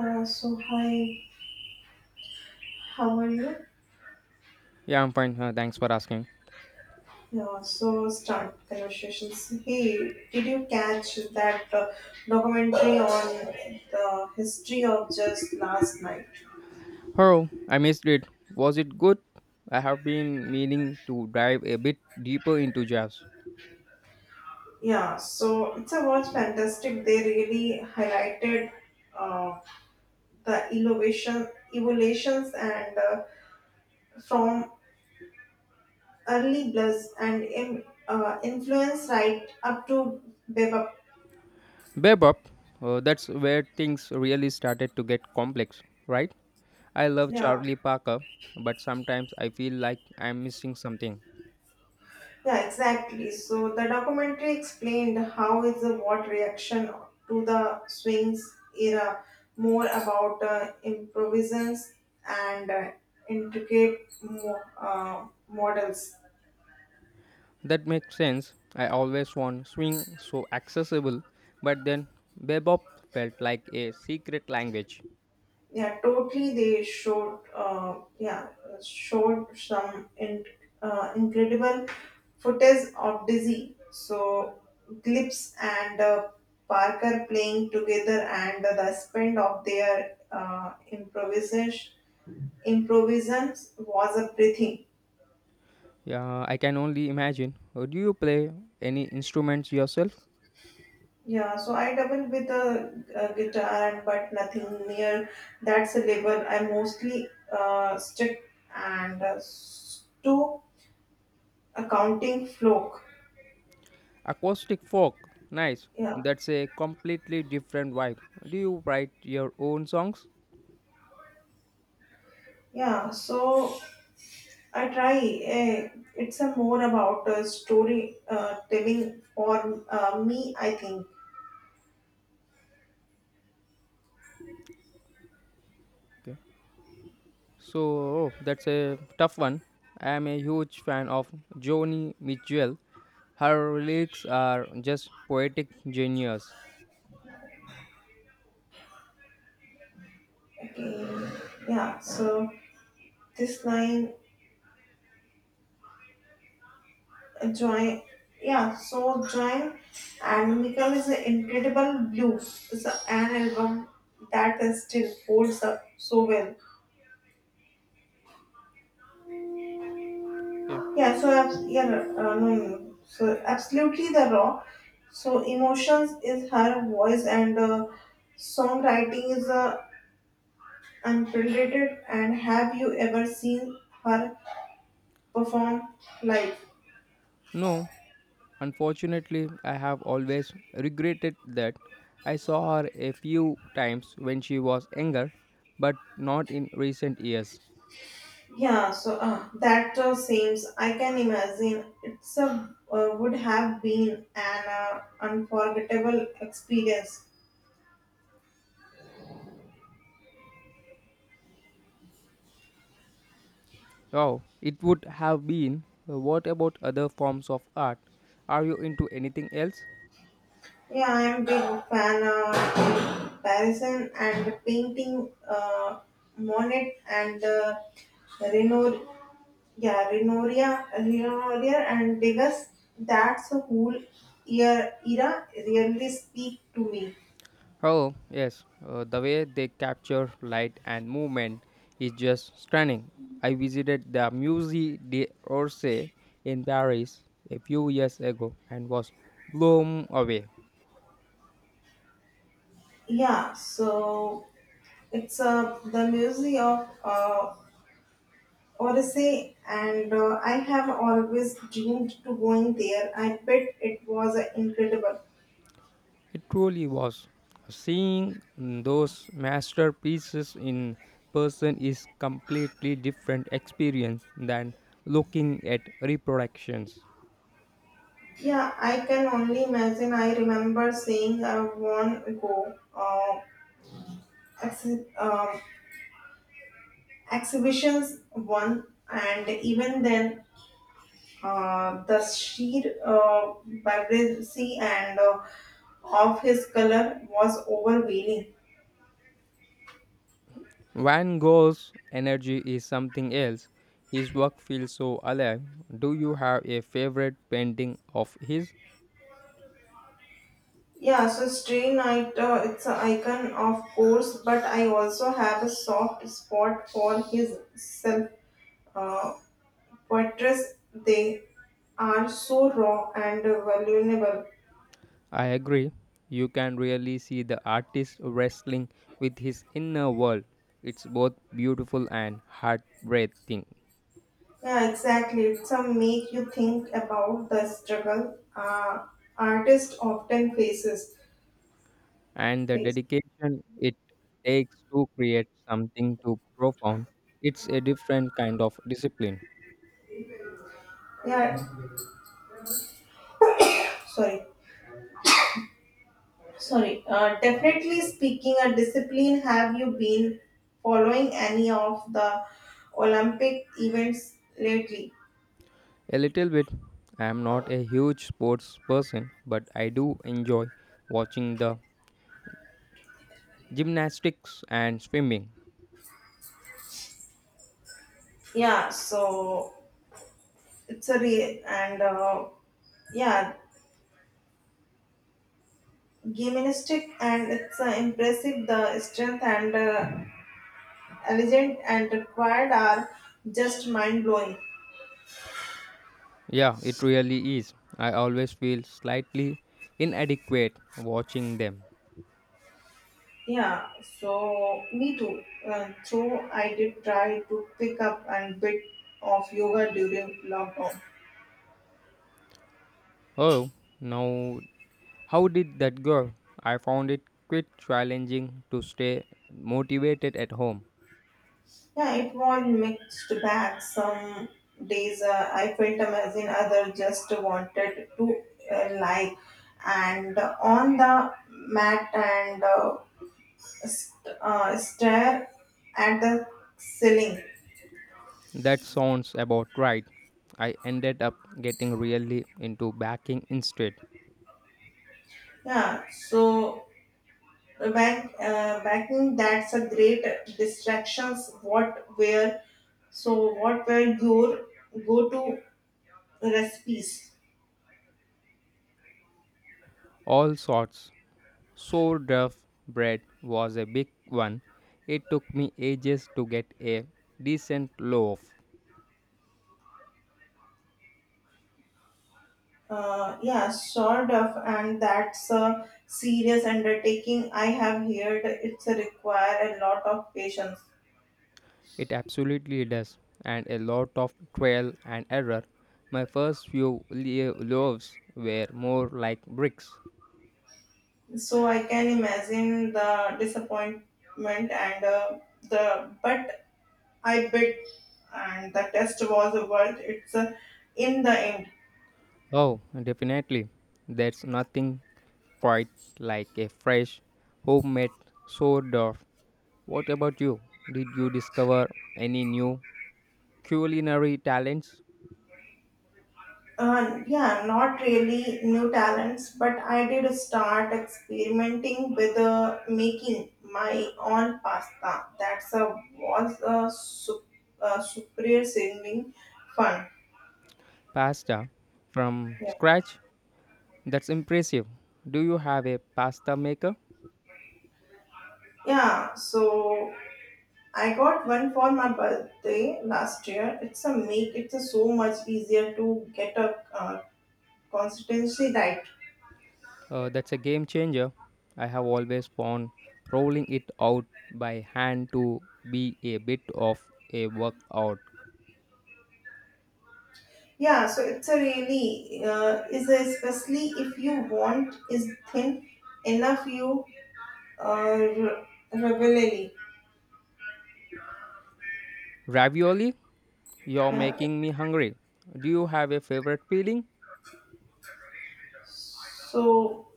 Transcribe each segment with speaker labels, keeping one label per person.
Speaker 1: So hi, how are you?
Speaker 2: Yeah, I'm fine. Thanks for asking.
Speaker 1: Yeah, so start conversations. Hey, did you catch that documentary on the history of just last night?
Speaker 2: Oh, I missed it. Was it good? I have been meaning to dive a bit deeper into jazz.
Speaker 1: Yeah, so it's a was fantastic. They really highlighted uh, the innovation, evolutions, and from early blues and influence right up to bebop.
Speaker 2: Bebop, that's where things really started to get complex, right? I love
Speaker 1: Yeah,
Speaker 2: Charlie Parker, but sometimes I feel like I'm missing something.
Speaker 1: yeah, exactly. So the documentary explained how is the what reaction to the swings era more about improvisations and intricate models.
Speaker 2: That makes sense. I always want swing so accessible, but then bebop felt like a secret language.
Speaker 1: Yeah, totally, they showed some incredible footage of dizzy so Glips and Parker playing together and the spend of their improvisations was a breathing.
Speaker 2: Yeah, I can only imagine. Do you play any instruments yourself?
Speaker 1: Yeah, so I doubled with a guitar and but nothing near that's a level. I mostly stick and to accounting flow.
Speaker 2: Acoustic folk, nice.
Speaker 1: Yeah,
Speaker 2: That's a completely different vibe. Do you write your own songs?
Speaker 1: yeah. So I try. eh, it's a more about story telling or me, I think.
Speaker 2: Okay. So oh, that's a tough one. I am a huge fan of Joni Mitchell. Her lyrics are just poetic genius.
Speaker 1: Okay. Yeah. So this line join. Yeah. So join and Michael is an incredible blue. It's a, an album that is still holds up so well.
Speaker 2: Okay.
Speaker 1: Yeah, so yeah, no, no, no, no. So absolutely the raw. So emotions is her voice and songwriting is unprecedented. And have you ever seen her perform live?
Speaker 2: No, unfortunately, I have always regretted that. I saw her a few times when she was younger, but not in recent years.
Speaker 1: Yeah, so that seems. I can imagine it's a would have been an unforgettable experience.
Speaker 2: Oh, it would have been. What about other forms of art? Are you into anything else?
Speaker 1: Yeah, I'm big fan of Parisian and painting. Monet and Renor, Renoria and Degas. That's a whole year era really speak to me.
Speaker 2: Oh, yes. The way they capture light and movement is just stunning. I visited the Musée d'Orsay in Paris a few years ago and was blown away.
Speaker 1: Yeah, so it's the museum of Odyssey, and I have always dreamed to going there. I bet it was incredible.
Speaker 2: It truly was. Seeing those masterpieces in person is completely different experience than looking at reproductions.
Speaker 1: Yeah, I can only imagine. I remember seeing a one go exhi- um, exhibitions one, and even then, the sheer vibrancy and of his color was overwhelming.
Speaker 2: Van Gogh's energy is something else. His work feels so alive. Do you have a favorite painting of his?
Speaker 1: Yeah, so Stray Night, it's an icon, of course, but I also have a soft spot for his self uh, portraits. They are so raw and vulnerable.
Speaker 2: I agree. You can really see the artist wrestling with his inner world. It's both beautiful and heartbreaking.
Speaker 1: Yeah, exactly. Some make you think about the struggle artist often faces.
Speaker 2: And the
Speaker 1: Face.
Speaker 2: dedication it takes to create something too profound. It's a different kind of discipline.
Speaker 1: Yeah, sorry, sorry. Definitely speaking, a discipline. Have you been following any of the Olympic events lately?
Speaker 2: A little bit. I am not a huge sports person, but I do enjoy watching the gymnastics and swimming.
Speaker 1: Yeah, so it's a real and yeah, gymnastic and it's impressive. The strength and elegant and required are just mind blowing.
Speaker 2: Yeah, it really is. I always feel slightly inadequate watching them.
Speaker 1: Yeah, so me too. So I did try to pick up a bit of yoga during lockdown.
Speaker 2: Oh, now how did that go? I found it quite challenging to stay motivated at home.
Speaker 1: Yeah, it was mixed bag. Some days I felt amazing, others just wanted to lie and on the mat and stare at the ceiling.
Speaker 2: That sounds about right. I ended up getting really into baking instead.
Speaker 1: Yeah, so back that's a great distractions. What were so? What were your go-to recipes?
Speaker 2: All sorts. Sourdough bread was a big one. It took me ages to get a decent loaf.
Speaker 1: Yeah, sort of, and that's a serious undertaking. I have heard it's a require a lot of patience.
Speaker 2: It absolutely does, and a lot of trial and error. My first few loaves were more like bricks.
Speaker 1: So I can imagine the disappointment and the but I bit and the test was worth it's in the end.
Speaker 2: Oh, definitely. There's nothing quite like a fresh, homemade sourdough. What about you? Did you discover any new culinary talents?
Speaker 1: Yeah, not really new talents, but I did start experimenting with making my own pasta. That's a was a, a super singing fun.
Speaker 2: Pasta from
Speaker 1: Yeah.
Speaker 2: scratch? That's impressive. Do you have a pasta maker?
Speaker 1: Yeah, so I got one for my birthday last year. It's a make. It's a so much easier to get a consistency right.
Speaker 2: That's a game changer. I have always found rolling it out by hand to be a bit of a workout.
Speaker 1: Yeah, so it's a really is a, especially if you want is thin enough you uh, rebellion.
Speaker 2: Ravioli, you're
Speaker 1: Yeah.
Speaker 2: making me hungry. Do you have a favorite filling?
Speaker 1: So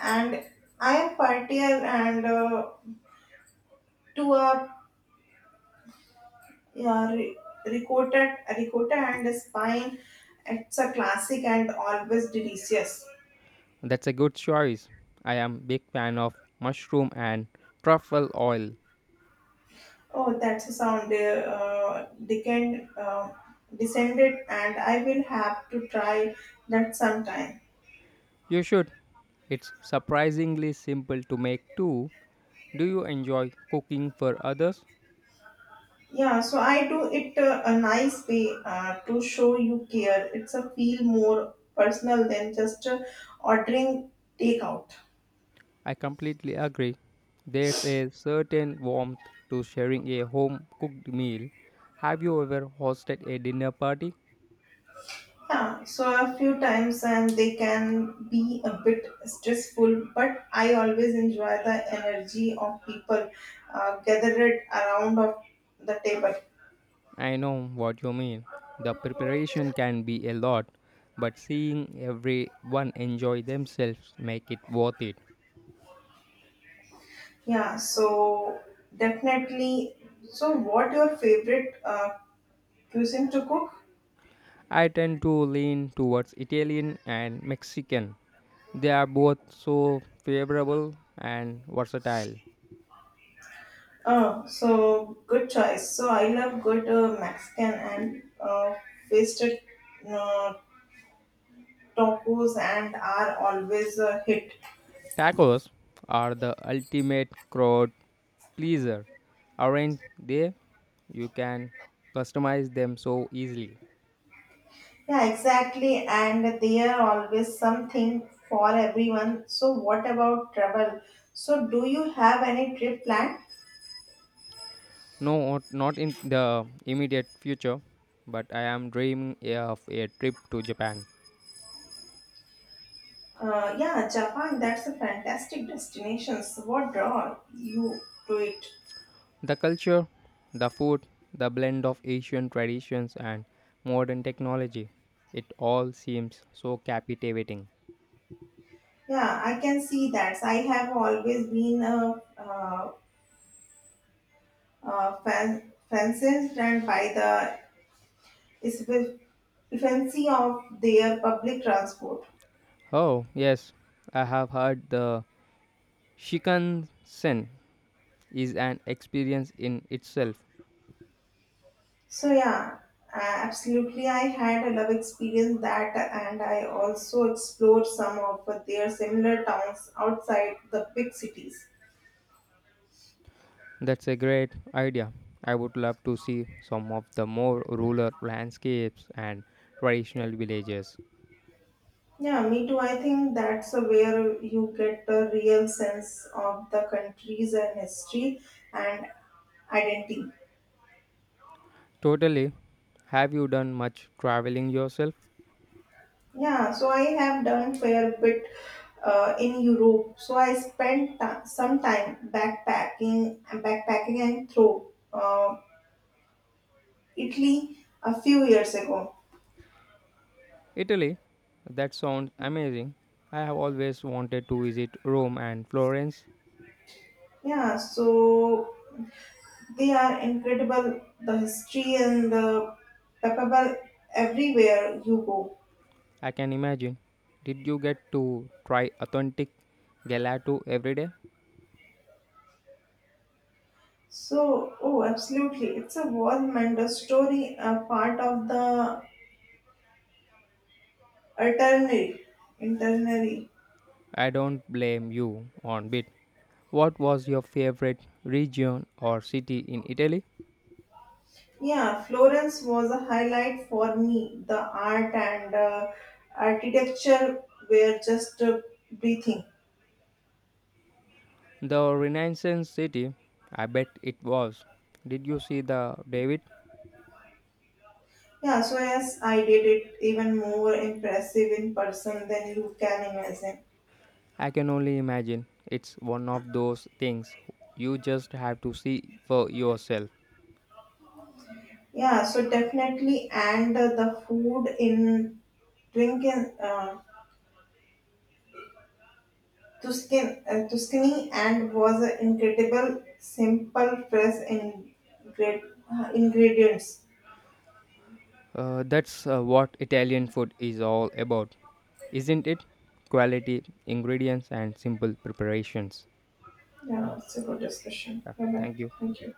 Speaker 1: and I am partial and to a yeah, ricotta and spine. It's a classic and always delicious.
Speaker 2: That's a good choice. I am big fan of mushroom and truffle oil.
Speaker 1: Oh, that's a sound. Descended, and I will have to try that sometime.
Speaker 2: You should. It's surprisingly simple to make too. Do you enjoy cooking for others?
Speaker 1: Yeah, so I do it a nice way to show you care. It's a feel more personal than just ordering takeout.
Speaker 2: I completely agree. There's a certain warmth to sharing a home cooked meal. Have you ever hosted a dinner party?
Speaker 1: Yeah, so a few times and they can be a bit stressful, but I always enjoy the energy of people gathered around of the table.
Speaker 2: I know what you mean. The preparation can be a lot, but seeing everyone enjoy themselves make it worth it.
Speaker 1: Yeah, so definitely. So, what your favorite cuisine to cook?
Speaker 2: I tend to lean towards Italian and Mexican. They are both so favorable and versatile.
Speaker 1: Oh, so good choice. So I love good Mexican and wasted uh, tacos and are always a hit.
Speaker 2: Tacos are the ultimate crowd pleaser, aren't they? You can customize them so easily.
Speaker 1: Yeah, exactly. And there are always something for everyone. So what about travel? So do you have any trip planned?
Speaker 2: No, not in the immediate future, but I am dreaming of a trip to Japan.
Speaker 1: Yeah, Japan, that's a fantastic destination. So what draw you to it?
Speaker 2: The culture, the food, the blend of Asian traditions and modern technology, it all seems so captivating.
Speaker 1: Yeah, I can see that. I have always been a fenced and by the effi- efficiency of their public transport.
Speaker 2: Oh, yes, I have heard the Shikansen is an experience in itself.
Speaker 1: So yeah, uh, absolutely. I had a love experience that, and I also explored some of their similar towns outside the big cities.
Speaker 2: That's a great idea. I would love to see some of the more rural landscapes and traditional villages.
Speaker 1: Yeah, me too. I think that's where you get the real sense of the countries and history and identity.
Speaker 2: Totally. Have you done much traveling yourself?
Speaker 1: Yeah, so I have done fair bit in Europe. So I spent some time backpacking and through Italy a few years ago.
Speaker 2: Italy? That sounds amazing. I have always wanted to visit Rome and Florence.
Speaker 1: Yeah, so they are incredible. The history and the palpable everywhere you go.
Speaker 2: I can imagine. Did you get to try authentic gelato every day?
Speaker 1: So, oh, absolutely, it's a world wonder story, a part of the itinerary. itinerary.
Speaker 2: I don't blame you on bit. What was your favorite region or city in Italy?
Speaker 1: Yeah, Florence was a highlight for me. The art and architecture were just breathing.
Speaker 2: The Renaissance city? I bet it was. Did you see the David?
Speaker 1: Yeah, so yes, I did it even more impressive in person than you can imagine.
Speaker 2: I can only imagine. It's one of those things you just have to see for yourself.
Speaker 1: Yeah, so definitely, and the food in Twinken, uh, Tuscany and was an incredible, simple, fresh ingredients.
Speaker 2: That's what Italian food is all about, isn't it? Quality, ingredients, and simple preparations.
Speaker 1: Yeah,
Speaker 2: Yeah,
Speaker 1: it's a good discussion.
Speaker 2: yeah.
Speaker 1: Bye bye.
Speaker 2: Thank you.
Speaker 1: Thank you.